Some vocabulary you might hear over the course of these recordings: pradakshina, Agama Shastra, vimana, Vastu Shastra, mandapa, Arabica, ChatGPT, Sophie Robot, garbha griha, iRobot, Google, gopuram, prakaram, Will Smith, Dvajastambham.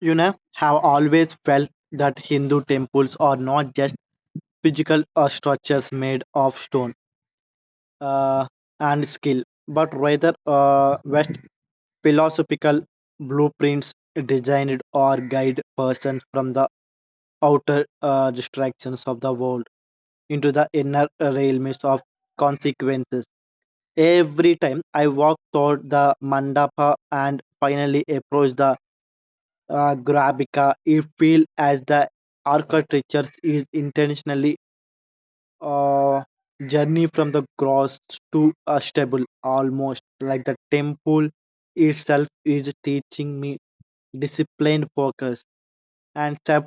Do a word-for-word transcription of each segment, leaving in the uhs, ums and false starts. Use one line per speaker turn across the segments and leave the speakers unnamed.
You know, have always felt that Hindu temples are not just physical uh, structures made of stone uh, and skill, but rather uh, West philosophical blueprints designed or guide persons from the outer uh, distractions of the world into the inner realms of consequences. Every time I walk toward the mandapa and finally approach the uh, Arabica, it feels as the architecture is intentionally a journey from the gross to a stable, almost like the temple itself is teaching me disciplined focus and self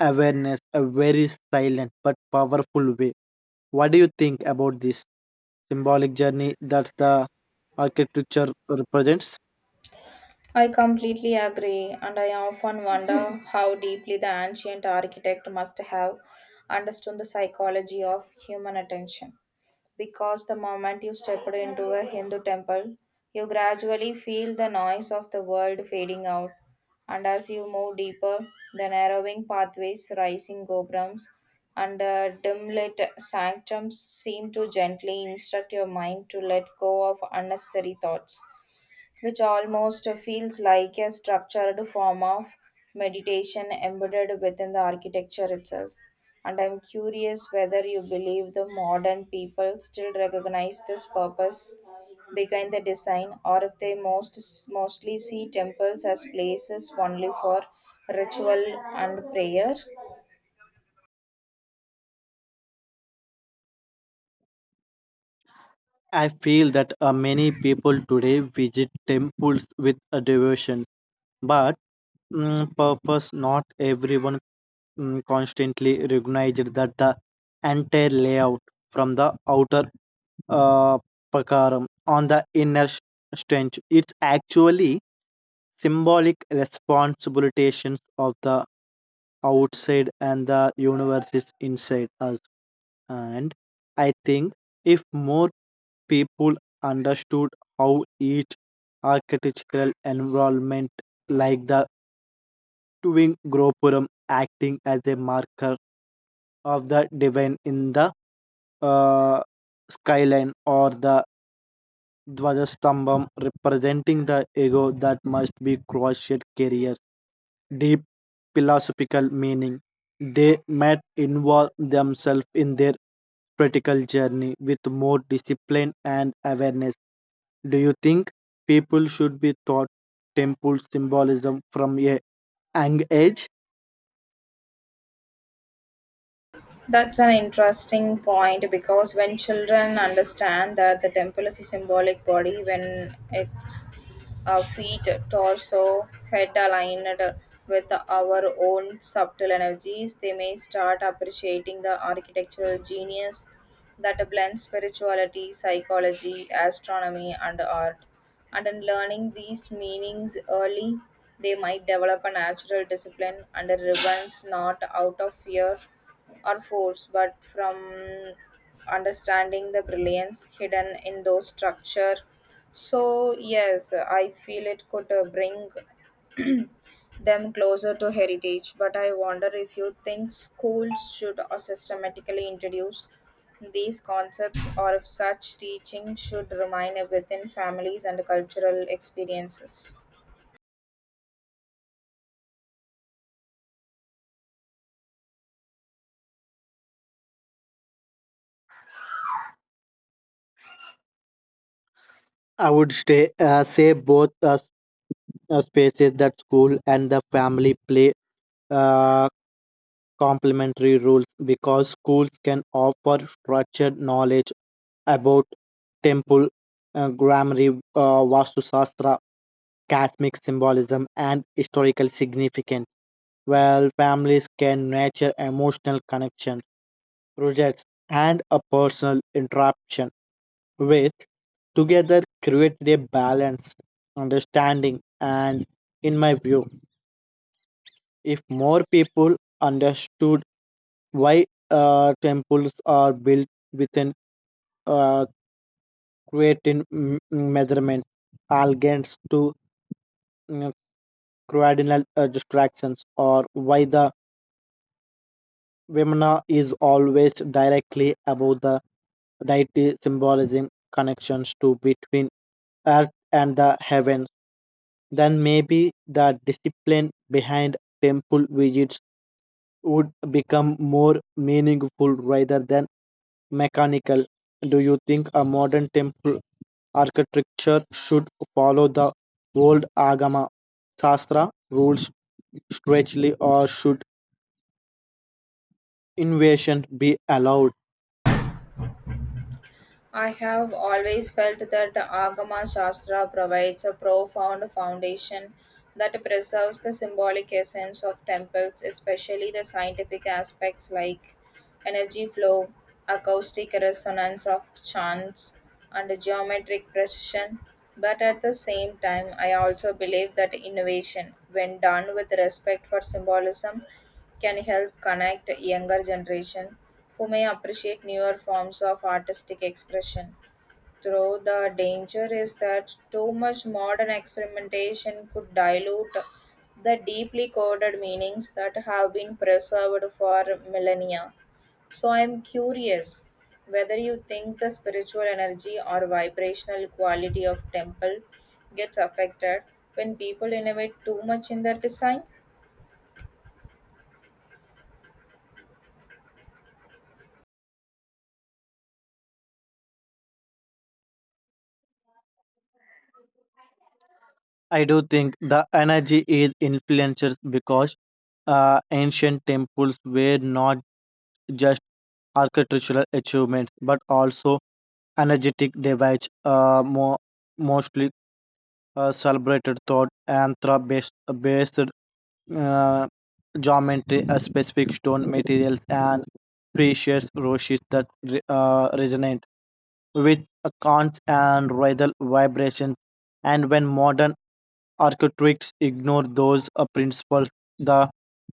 awareness, a very silent but powerful way. What do you think about this symbolic journey that the architecture represents?
I completely agree, and I often wonder how deeply the ancient architect must have understood the psychology of human attention. Because the moment you step into a Hindu temple, you gradually feel the noise of the world fading out. And as you move deeper, the narrowing pathways, rising gopurams, and uh, dim lit sanctums seem to gently instruct your mind to let go of unnecessary thoughts, which almost feels like a structured form of meditation embedded within the architecture itself. And I'm curious whether you believe the modern people still recognize this purpose behind the design, or if they most mostly see temples as places only for ritual and prayer.
I feel that uh, many people today visit temples with a devotion, but mm, purpose not everyone mm, constantly recognized that the entire layout from the outer uh, prakaram on the inner s- strength. It's actually symbolic responsibilities of the outside and the universe is inside us. And I think if more people understood how each architectural environment like the twin gopuram acting as a marker of the divine in the uh, skyline or the Dvajastambham representing the ego that must be crushed carries deep philosophical meaning. They might involve themselves in their practical journey with more discipline and awareness. Do you think people should be taught temple symbolism from a young age?
That's an interesting point because when children understand that the temple is a symbolic body, when its uh, feet, torso, head aligned with our own subtle energies, they may start appreciating the architectural genius that blends spirituality, psychology, astronomy, and art. And in learning these meanings early, they might develop a natural discipline and a ribbons not out of fear or force, but from understanding the brilliance hidden in those structure. So yes, I feel it could uh, bring them closer to heritage. But I wonder if you think schools should uh, systematically introduce these concepts, or if such teaching should remain within families and cultural experiences.
I would stay, uh, say both uh, s- uh, spaces that school and the family play uh, complementary rules because schools can offer structured knowledge about temple uh, grammar, uh, Vastu Shastra, Catholic symbolism, and historical significance, while families can nurture emotional connection, projects, and a personal interaction with together created a balanced understanding and in my view if more people understood why uh, temples are built within an uh, creating m- measurement against to mm, cardinal uh, distractions or why the vimana is always directly above the deity symbolism connections to between earth and the heavens then maybe the discipline behind temple visits would become more meaningful rather than mechanical. Do you think a modern temple architecture should follow the old Agama Shastra rules strictly, or should innovation be allowed?
I have always felt that the Agama Shastra provides a profound foundation that preserves the symbolic essence of temples, especially the scientific aspects like energy flow, acoustic resonance of chants, and geometric precision. But at the same time, I also believe that innovation, when done with respect for symbolism, can help connect the younger generation who may appreciate newer forms of artistic expression, though the danger is that too much modern experimentation could dilute the deeply coded meanings that have been preserved for millennia. So I'm curious whether you think the spiritual energy or vibrational quality of temple gets affected when people innovate too much in their design.
I do think the energy is influenced because uh, ancient temples were not just architectural achievements but also energetic devices. Uh, mo- mostly uh, celebrated thought and based based uh, geometry, a specific stone materials, and precious roches that re- uh, resonate with chants and rhythmic vibrations. And when modern architects ignore those uh, principles, the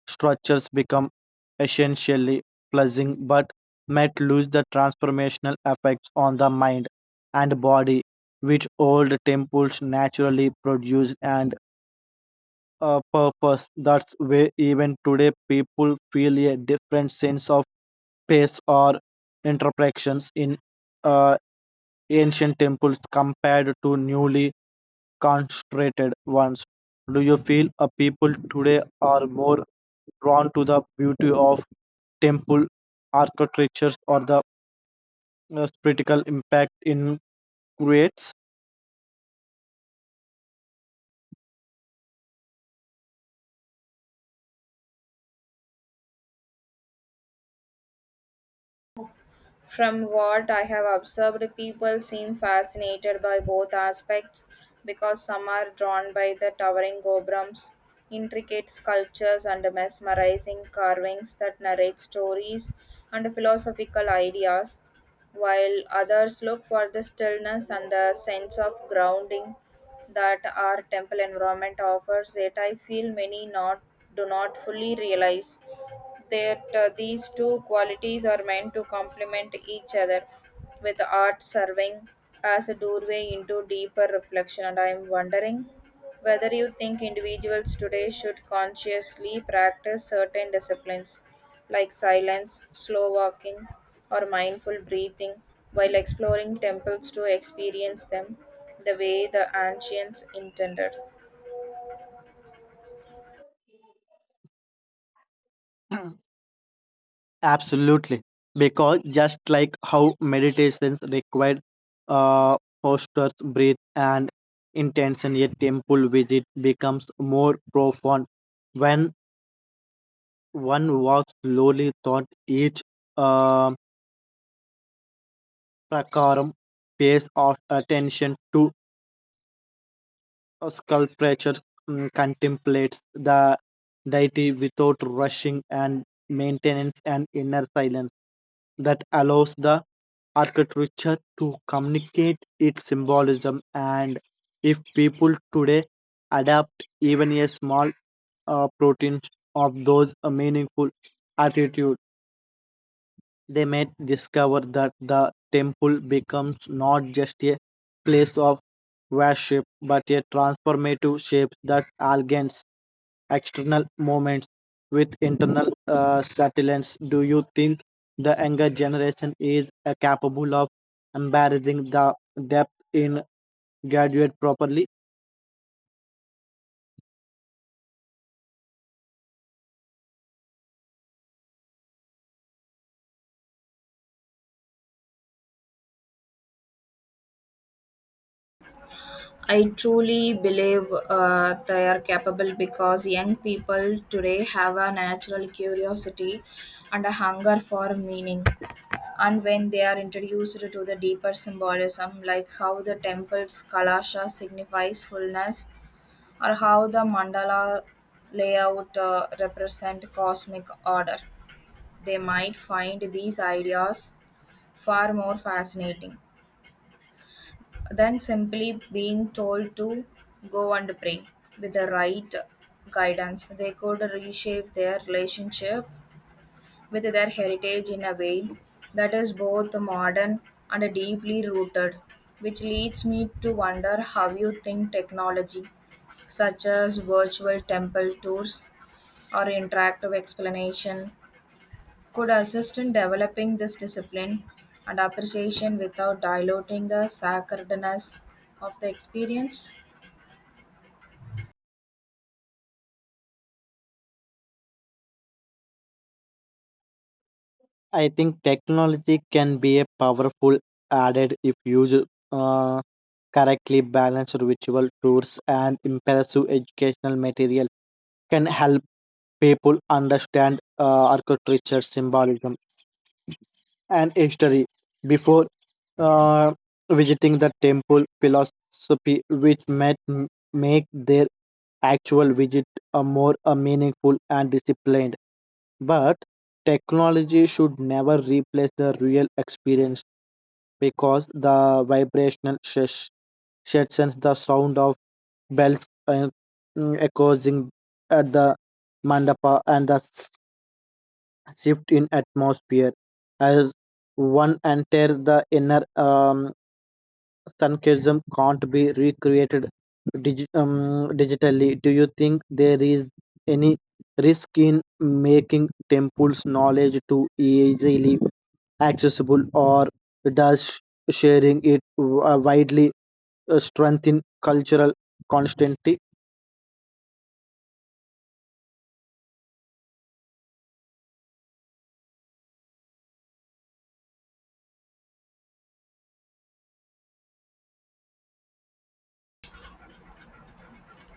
structures become essentially pleasing but might lose the transformational effects on the mind and body which old temples naturally produce and a purpose. That's why even today people feel a different sense of pace or interpretations in uh, ancient temples compared to newly constructed ones. Do you feel a people today are more drawn to the beauty of temple architectures or the uh, spiritual impact in creates?
From what I have observed, people seem fascinated by both aspects because some are drawn by the towering gobrams, intricate sculptures, and mesmerizing carvings that narrate stories and philosophical ideas, while others look for the stillness and the sense of grounding that our temple environment offers. That I feel many not do not fully realize that uh, these two qualities are meant to complement each other, with art serving as a doorway into deeper reflection. And I am wondering whether you think individuals today should consciously practice certain disciplines like silence, slow walking, or mindful breathing while exploring temples to experience them the way the ancients intended.
Absolutely, because just like how meditations required uh, postures, breath, and intention, a temple visit becomes more profound when one walks slowly through each uh, prakaram, pays of attention to a sculpture, mm, contemplates the deity without rushing and maintenance and inner silence that allows the architecture to communicate its symbolism. And if people today adapt even a small uh, protein of those uh, meaningful attitudes, they may discover that the temple becomes not just a place of worship but a transformative shape that aligns external movements with internal uh, settlements. Do you think the younger generation is uh, capable of embarrassing the depth in graduate properly?
I truly believe uh, they are capable because young people today have a natural curiosity and a hunger for meaning. And when they are introduced to the deeper symbolism, like how the temple's kalasha signifies fullness, or how the mandala layout uh, represent cosmic order, they might find these ideas far more fascinating than simply being told to go and pray. With the right guidance, they could reshape their relationship with their heritage in a way that is both modern and deeply rooted, which leads me to wonder how you think technology, such as virtual temple tours or interactive explanation, could assist in developing this discipline and appreciation without diluting the sacredness of the experience.
I think technology can be a powerful added if used uh, correctly balanced ritual tours and impressive educational material can help people understand uh, architecture, symbolism, and history before uh, visiting the temple philosophy, which might m- make their actual visit are more uh, meaningful and disciplined. But technology should never replace the real experience because the vibrational sh- sends the sound of bells uh, mm, echoing at the mandapa and the s- shift in atmosphere as one enters the inner um, Sunkism can't be recreated digi- um, digitally. Do you think there is any risk in making temple's knowledge too easily accessible, or does sharing it wi- widely uh, strengthen cultural constancy?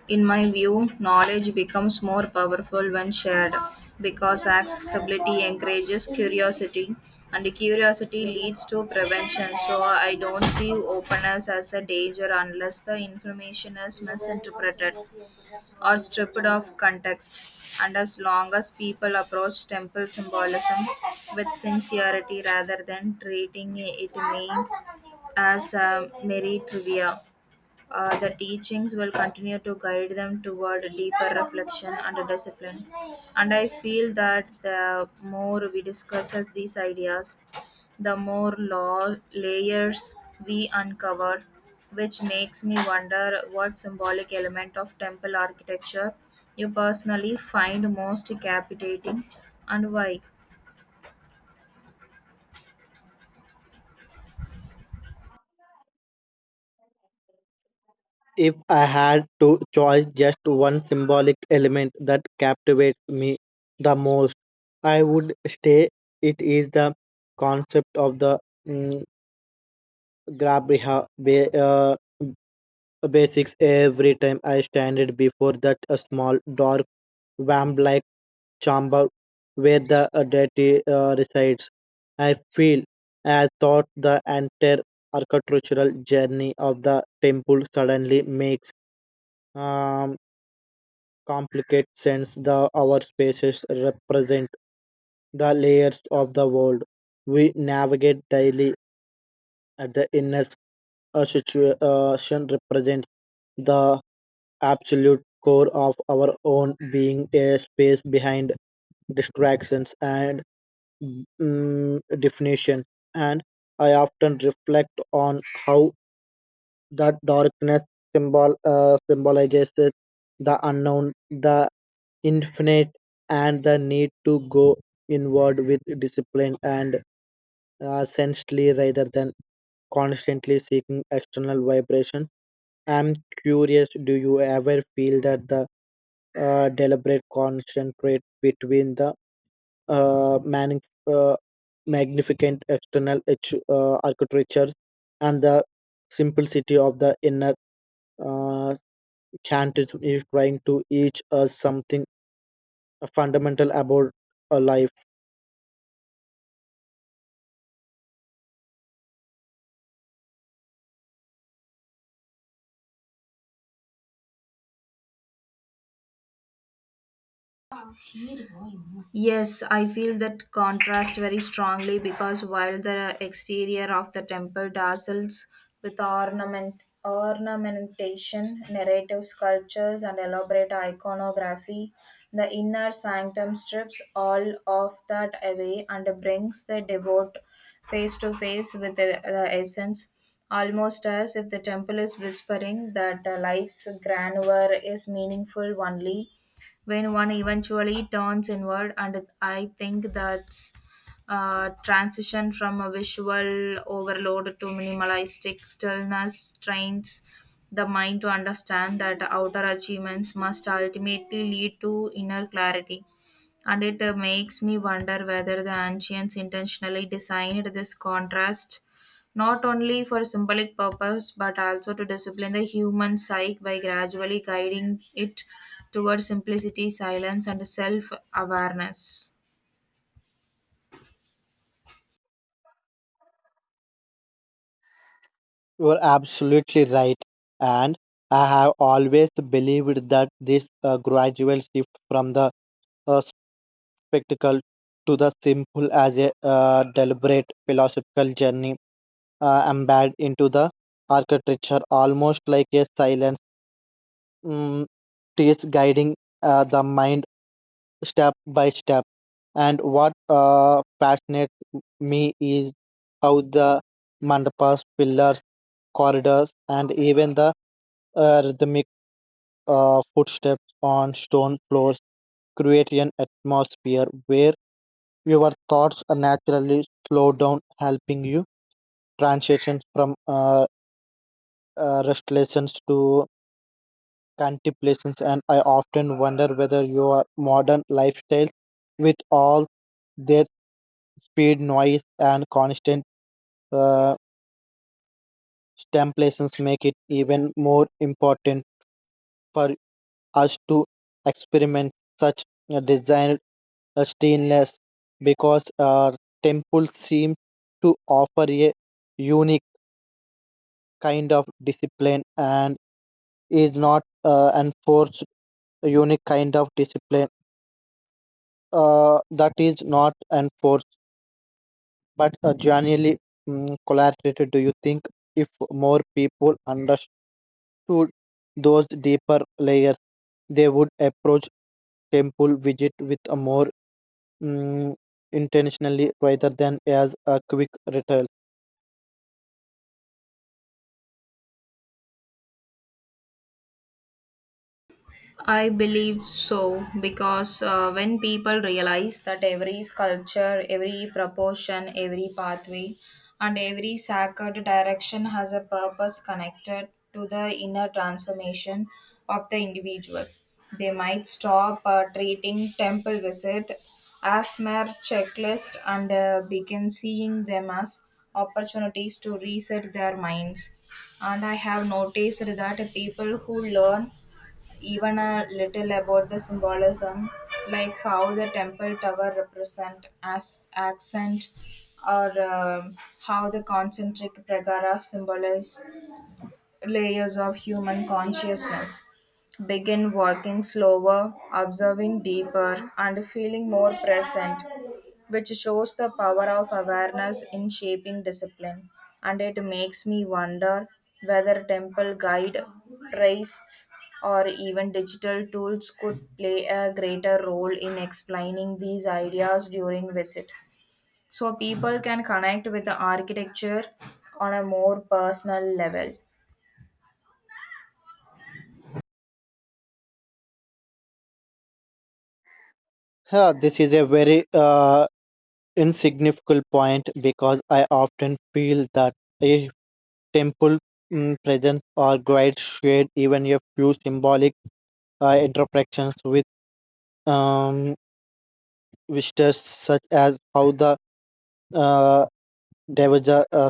In my view, knowledge becomes more powerful when shared because accessibility encourages curiosity, and curiosity leads to prevention. So, I don't see openness as a danger unless the information is misinterpreted or stripped of context, and as long as people approach temple symbolism with sincerity rather than treating it mean as a merry trivia, uh, the teachings will continue to guide them toward deeper reflection and discipline. And I feel that the more we discuss these ideas, the more law layers we uncover, which makes me wonder what symbolic element of temple architecture you personally find most captivating and why.
If I had to choose just one symbolic element that captivates me the most, I would say it is the concept of the mm, grab reha- ba- uh, basics every time I stand before that a small dark vamp like chamber where the uh, deity uh, resides. I feel as thought the entire architectural journey of the temple suddenly makes um, complicated sense. The our spaces represent the layers of the world we navigate daily at the inner a situation represents the absolute core of our own being, a space behind distractions and mm, definition. And I often reflect on how that darkness symbol uh, symbolizes the unknown, the infinite, and the need to go inward with discipline and uh, sensely rather than constantly seeking external vibration. I'm curious, do you ever feel that the uh, deliberate concentrate between the uh, manif- uh, magnificent external arch- uh, architecture and the simplicity of the inner uh, chant is is trying to teach us something fundamental about a life?
Yes, I feel that contrast very strongly because while the exterior of the temple dazzles with ornament, ornamentation, narrative sculptures, and elaborate iconography, the inner sanctum strips all of that away and brings the devout face to face with the, the essence, almost as if the temple is whispering that uh, life's grandeur is meaningful only when one eventually turns inward. And I think that's uh, transition from a visual overload to minimalistic stillness trains the mind to understand that outer achievements must ultimately lead to inner clarity. And it uh, makes me wonder whether the ancients intentionally designed this contrast not only for symbolic purpose but also to discipline the human psyche by gradually guiding it towards simplicity, silence, and self-awareness.
You are absolutely right. And I have always believed that this uh, gradual shift from the uh, spectacle to the simple as a uh, deliberate philosophical journey uh, embedded into the architecture, almost like a silent mm, teach guiding uh, the mind step by step. And what uh, fascinates me is how the mandapas, pillars, corridors, and even the uh, rhythmic uh, footsteps on stone floors create an atmosphere where your thoughts are naturally slow down, helping you transition from uh, uh, restlessness to contemplations, and I often wonder whether your modern lifestyles, with all their speed, noise, and constant uh, stimulations, make it even more important for us to experiment such a designed uh, stainless because our temples seem to offer a unique kind of discipline and is not uh, enforced a unique kind of discipline uh, that is not enforced but uh, genuinely um, collaborated. Do you think if more people understood those deeper layers they would approach temple visit with a more mm, intentionally rather than as a quick ritual?
I believe so because uh, when people realize that every sculpture, every proportion, every pathway, and every sacred direction has a purpose connected to the inner transformation of the individual, they might stop uh, treating temple visit as mere checklist and uh, begin seeing them as opportunities to reset their minds. And I have noticed that people who learn even a little about the symbolism, like how the temple tower represent as accent, or um how the concentric pragara symbolize layers of human consciousness, begin working slower, observing deeper, and feeling more present, which shows the power of awareness in shaping discipline. And it makes me wonder whether temple guide, priests, or even digital tools could play a greater role in explaining these ideas during visit, so people can connect with the architecture on a more personal level.
Yeah, this is a very uh, insignificant point because I often feel that a temple mm, presence or guide shared even a few symbolic uh, interactions with um, visitors, such as how the uh, Devaja, uh,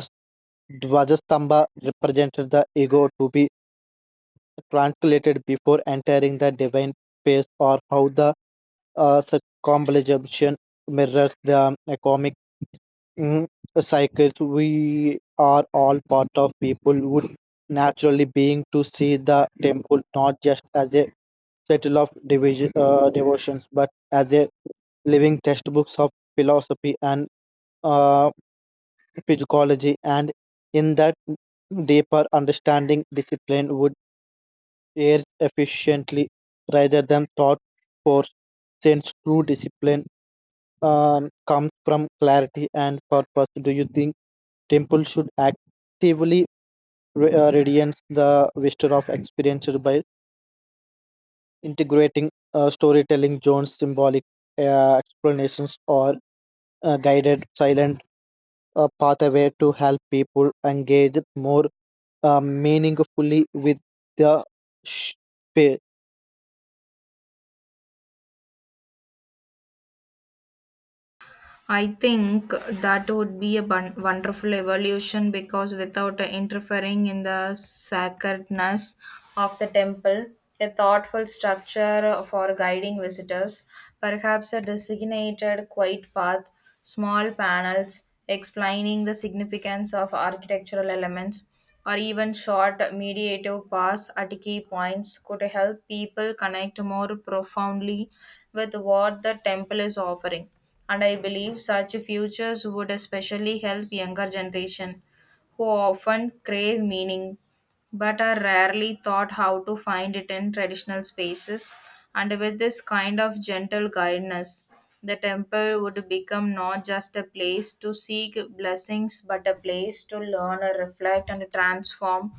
Dvajastamba represented the ego to be translated before entering the divine space, or how the uh, circumambulation mirrors the economy Mm, cycles we are all part of people would naturally being to see the temple not just as a settle of division uh, devotions but as a living textbooks of philosophy and uh, physiology and in that deeper understanding discipline would air efficiently rather than thought force since true discipline um, comes from clarity and purpose. Do you think temple should actively re- uh, radiance the vista of experience by integrating uh, storytelling zones, symbolic uh, explanations, or uh, guided silent uh, pathway to help people engage more uh, meaningfully with the space?
I think that would be a bun- wonderful evolution because without interfering in the sacredness of the temple, a thoughtful structure for guiding visitors, perhaps a designated quiet path, small panels explaining the significance of architectural elements, or even short meditative paths at key points could help people connect more profoundly with what the temple is offering. And I believe such futures would especially help younger generation who often crave meaning but are rarely taught how to find it in traditional spaces. And with this kind of gentle guidance, the temple would become not just a place to seek blessings but a place to learn and reflect and transform,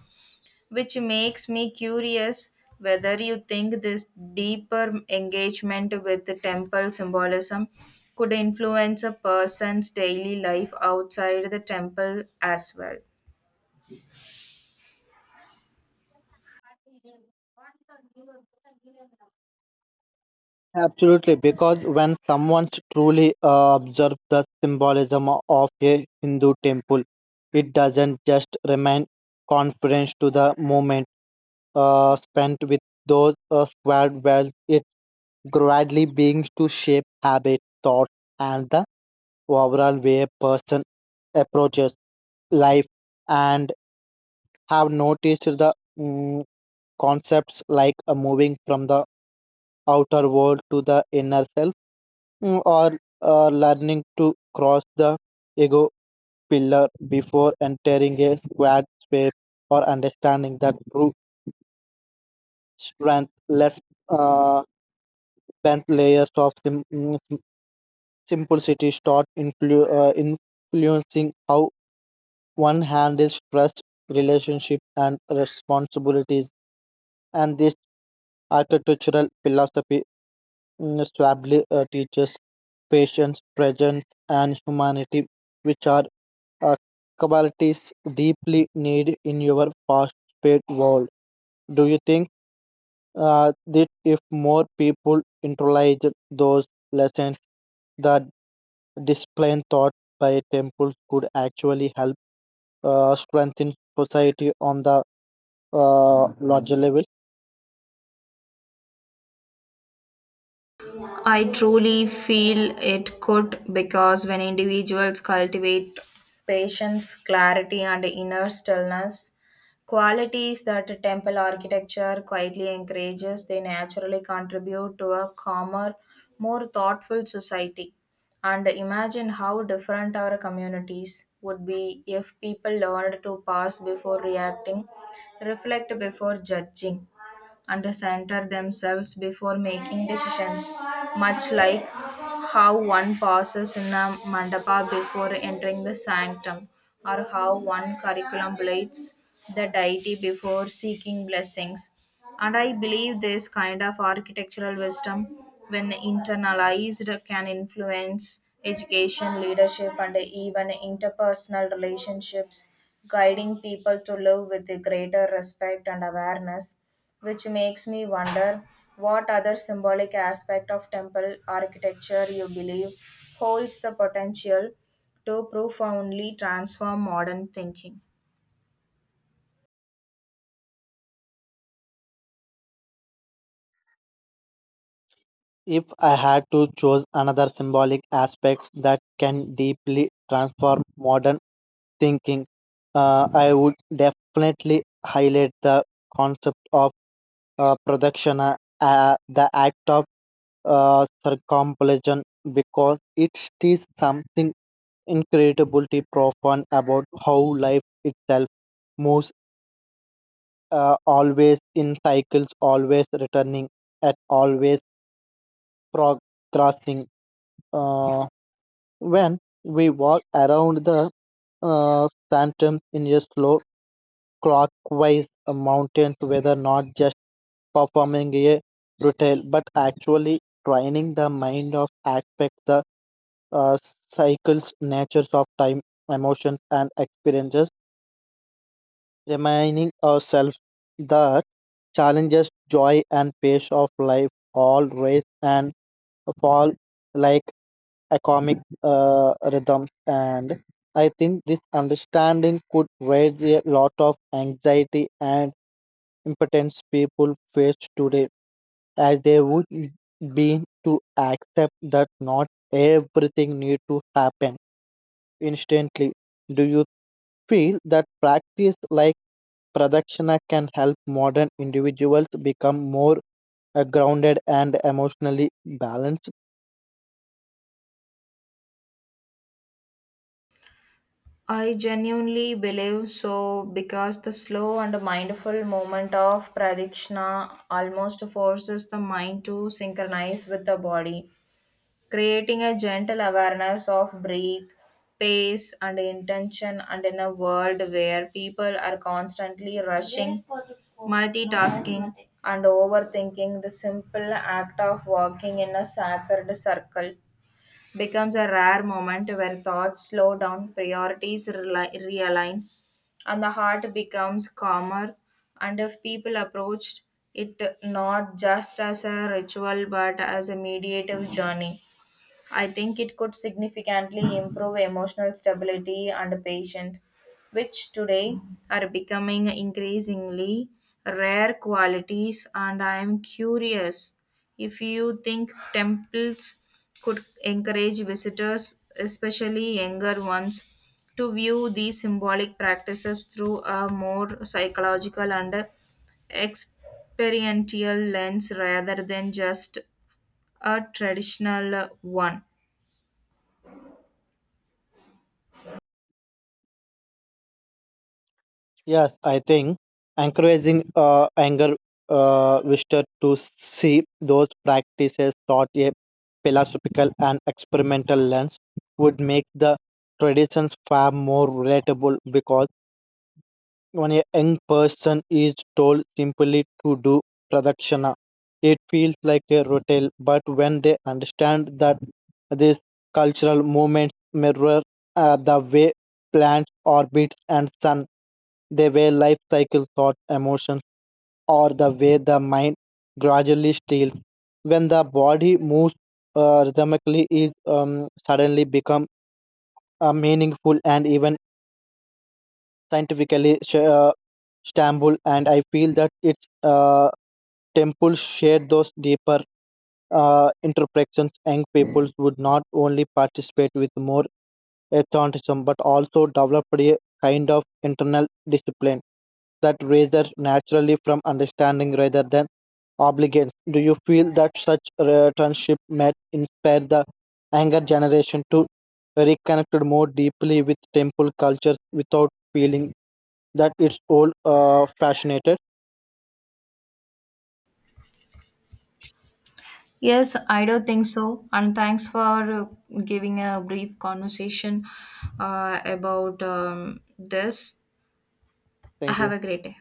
which makes me curious whether you think this deeper engagement with the temple symbolism could influence a person's daily life outside the temple as well.
Absolutely, because when someone truly uh, observes the symbolism of a Hindu temple, it doesn't just remain conference to the moment uh, spent with those uh, squared well, it gradually begins to shape habit, thought, and the overall way a person approaches life and have noticed the mm, concepts like uh, moving from the outer world to the inner self, mm, or uh, learning to cross the ego pillar before entering a squad space or understanding that true strength less uh, bent layers of sim- mm, sim- simplicity start influ- uh, influencing how one handles trust relationship and responsibilities and this architectural philosophy mm, suavely uh, teaches patience presence and humanity which are uh, capabilities deeply need in your fast-paced world. Do you think uh, that if more people internalize those lessons, the discipline taught by temples could actually help uh, strengthen society on the uh, larger level?
I truly feel it could because when individuals cultivate patience, clarity, and inner stillness, qualities that temple architecture quietly encourages, they naturally contribute to a calmer, more thoughtful society. And imagine how different our communities would be if people learned to pause before reacting, reflect before judging, and center themselves before making decisions, much like how one passes in a mandapa before entering the sanctum, or how one contemplates the deity before seeking blessings. And I believe this kind of architectural wisdom, when internalized, can influence education, leadership, and even interpersonal relationships, guiding people to live with greater respect and awareness, which makes me wonder what other symbolic aspect of temple architecture you believe holds the potential to profoundly transform modern thinking.
If I had to choose another symbolic aspect that can deeply transform modern thinking, uh, I would definitely highlight the concept of uh, production, uh, uh, the act of uh, circumambulation, because it is something incredibly profound about how life itself moves, uh, always in cycles, always returning, and always progressing. Uh, when we walk around the uh, sanctum in a slow clockwise uh, mountains whether not just performing a ritual but actually training the mind of aspect the uh, cycles natures of time emotions and experiences reminding ourselves that challenges joy and pace of life all rise and fall like atomic uh, rhythm and I think this understanding could raise a lot of anxiety and impotence people face today, as they would be to accept that not everything need to happen instantly. Do you feel that practice like pradakshina can help modern individuals become more uh, grounded and emotionally balanced?
I genuinely believe so because the slow and mindful movement of pradikshina almost forces the mind to synchronize with the body, creating a gentle awareness of breath, pace, and intention. And in a world where people are constantly rushing, multitasking, and overthinking, the simple act of walking in a sacred circle becomes a rare moment where thoughts slow down, priorities reli- realign, and the heart becomes calmer. And if people approached it not just as a ritual but as a mediative journey, I think it could significantly improve emotional stability and patience, which today are becoming increasingly rare qualities. And I am curious if you think temples could encourage visitors, especially younger ones, to view these symbolic practices through a more psychological and experiential lens rather than just a traditional one.
Yes, I think encouraging uh, anger uh, visitor to see those practices through a philosophical and experimental lens would make the traditions far more relatable because when a young person is told simply to do pradakshina, it feels like a routine. But when they understand that these cultural movements mirror uh, the way plants orbit and sun they were life cycle thought, emotions, or the way the mind gradually steals. When the body moves uh, rhythmically, is um, suddenly become uh, meaningful and even scientifically sh- uh, stable. And I feel that its uh, temples share those deeper uh, interpretations. Young peoples would not only participate with more athleticism, but also developed a kind of internal discipline that rises naturally from understanding rather than obligation. Do you feel that such relationship might inspire the younger generation to reconnect more deeply with temple cultures without feeling that it's all uh, fascinated?
Yes, I do think so. And thanks for uh, giving a brief conversation uh, about um, this.
Thank
Have
you.
a great day.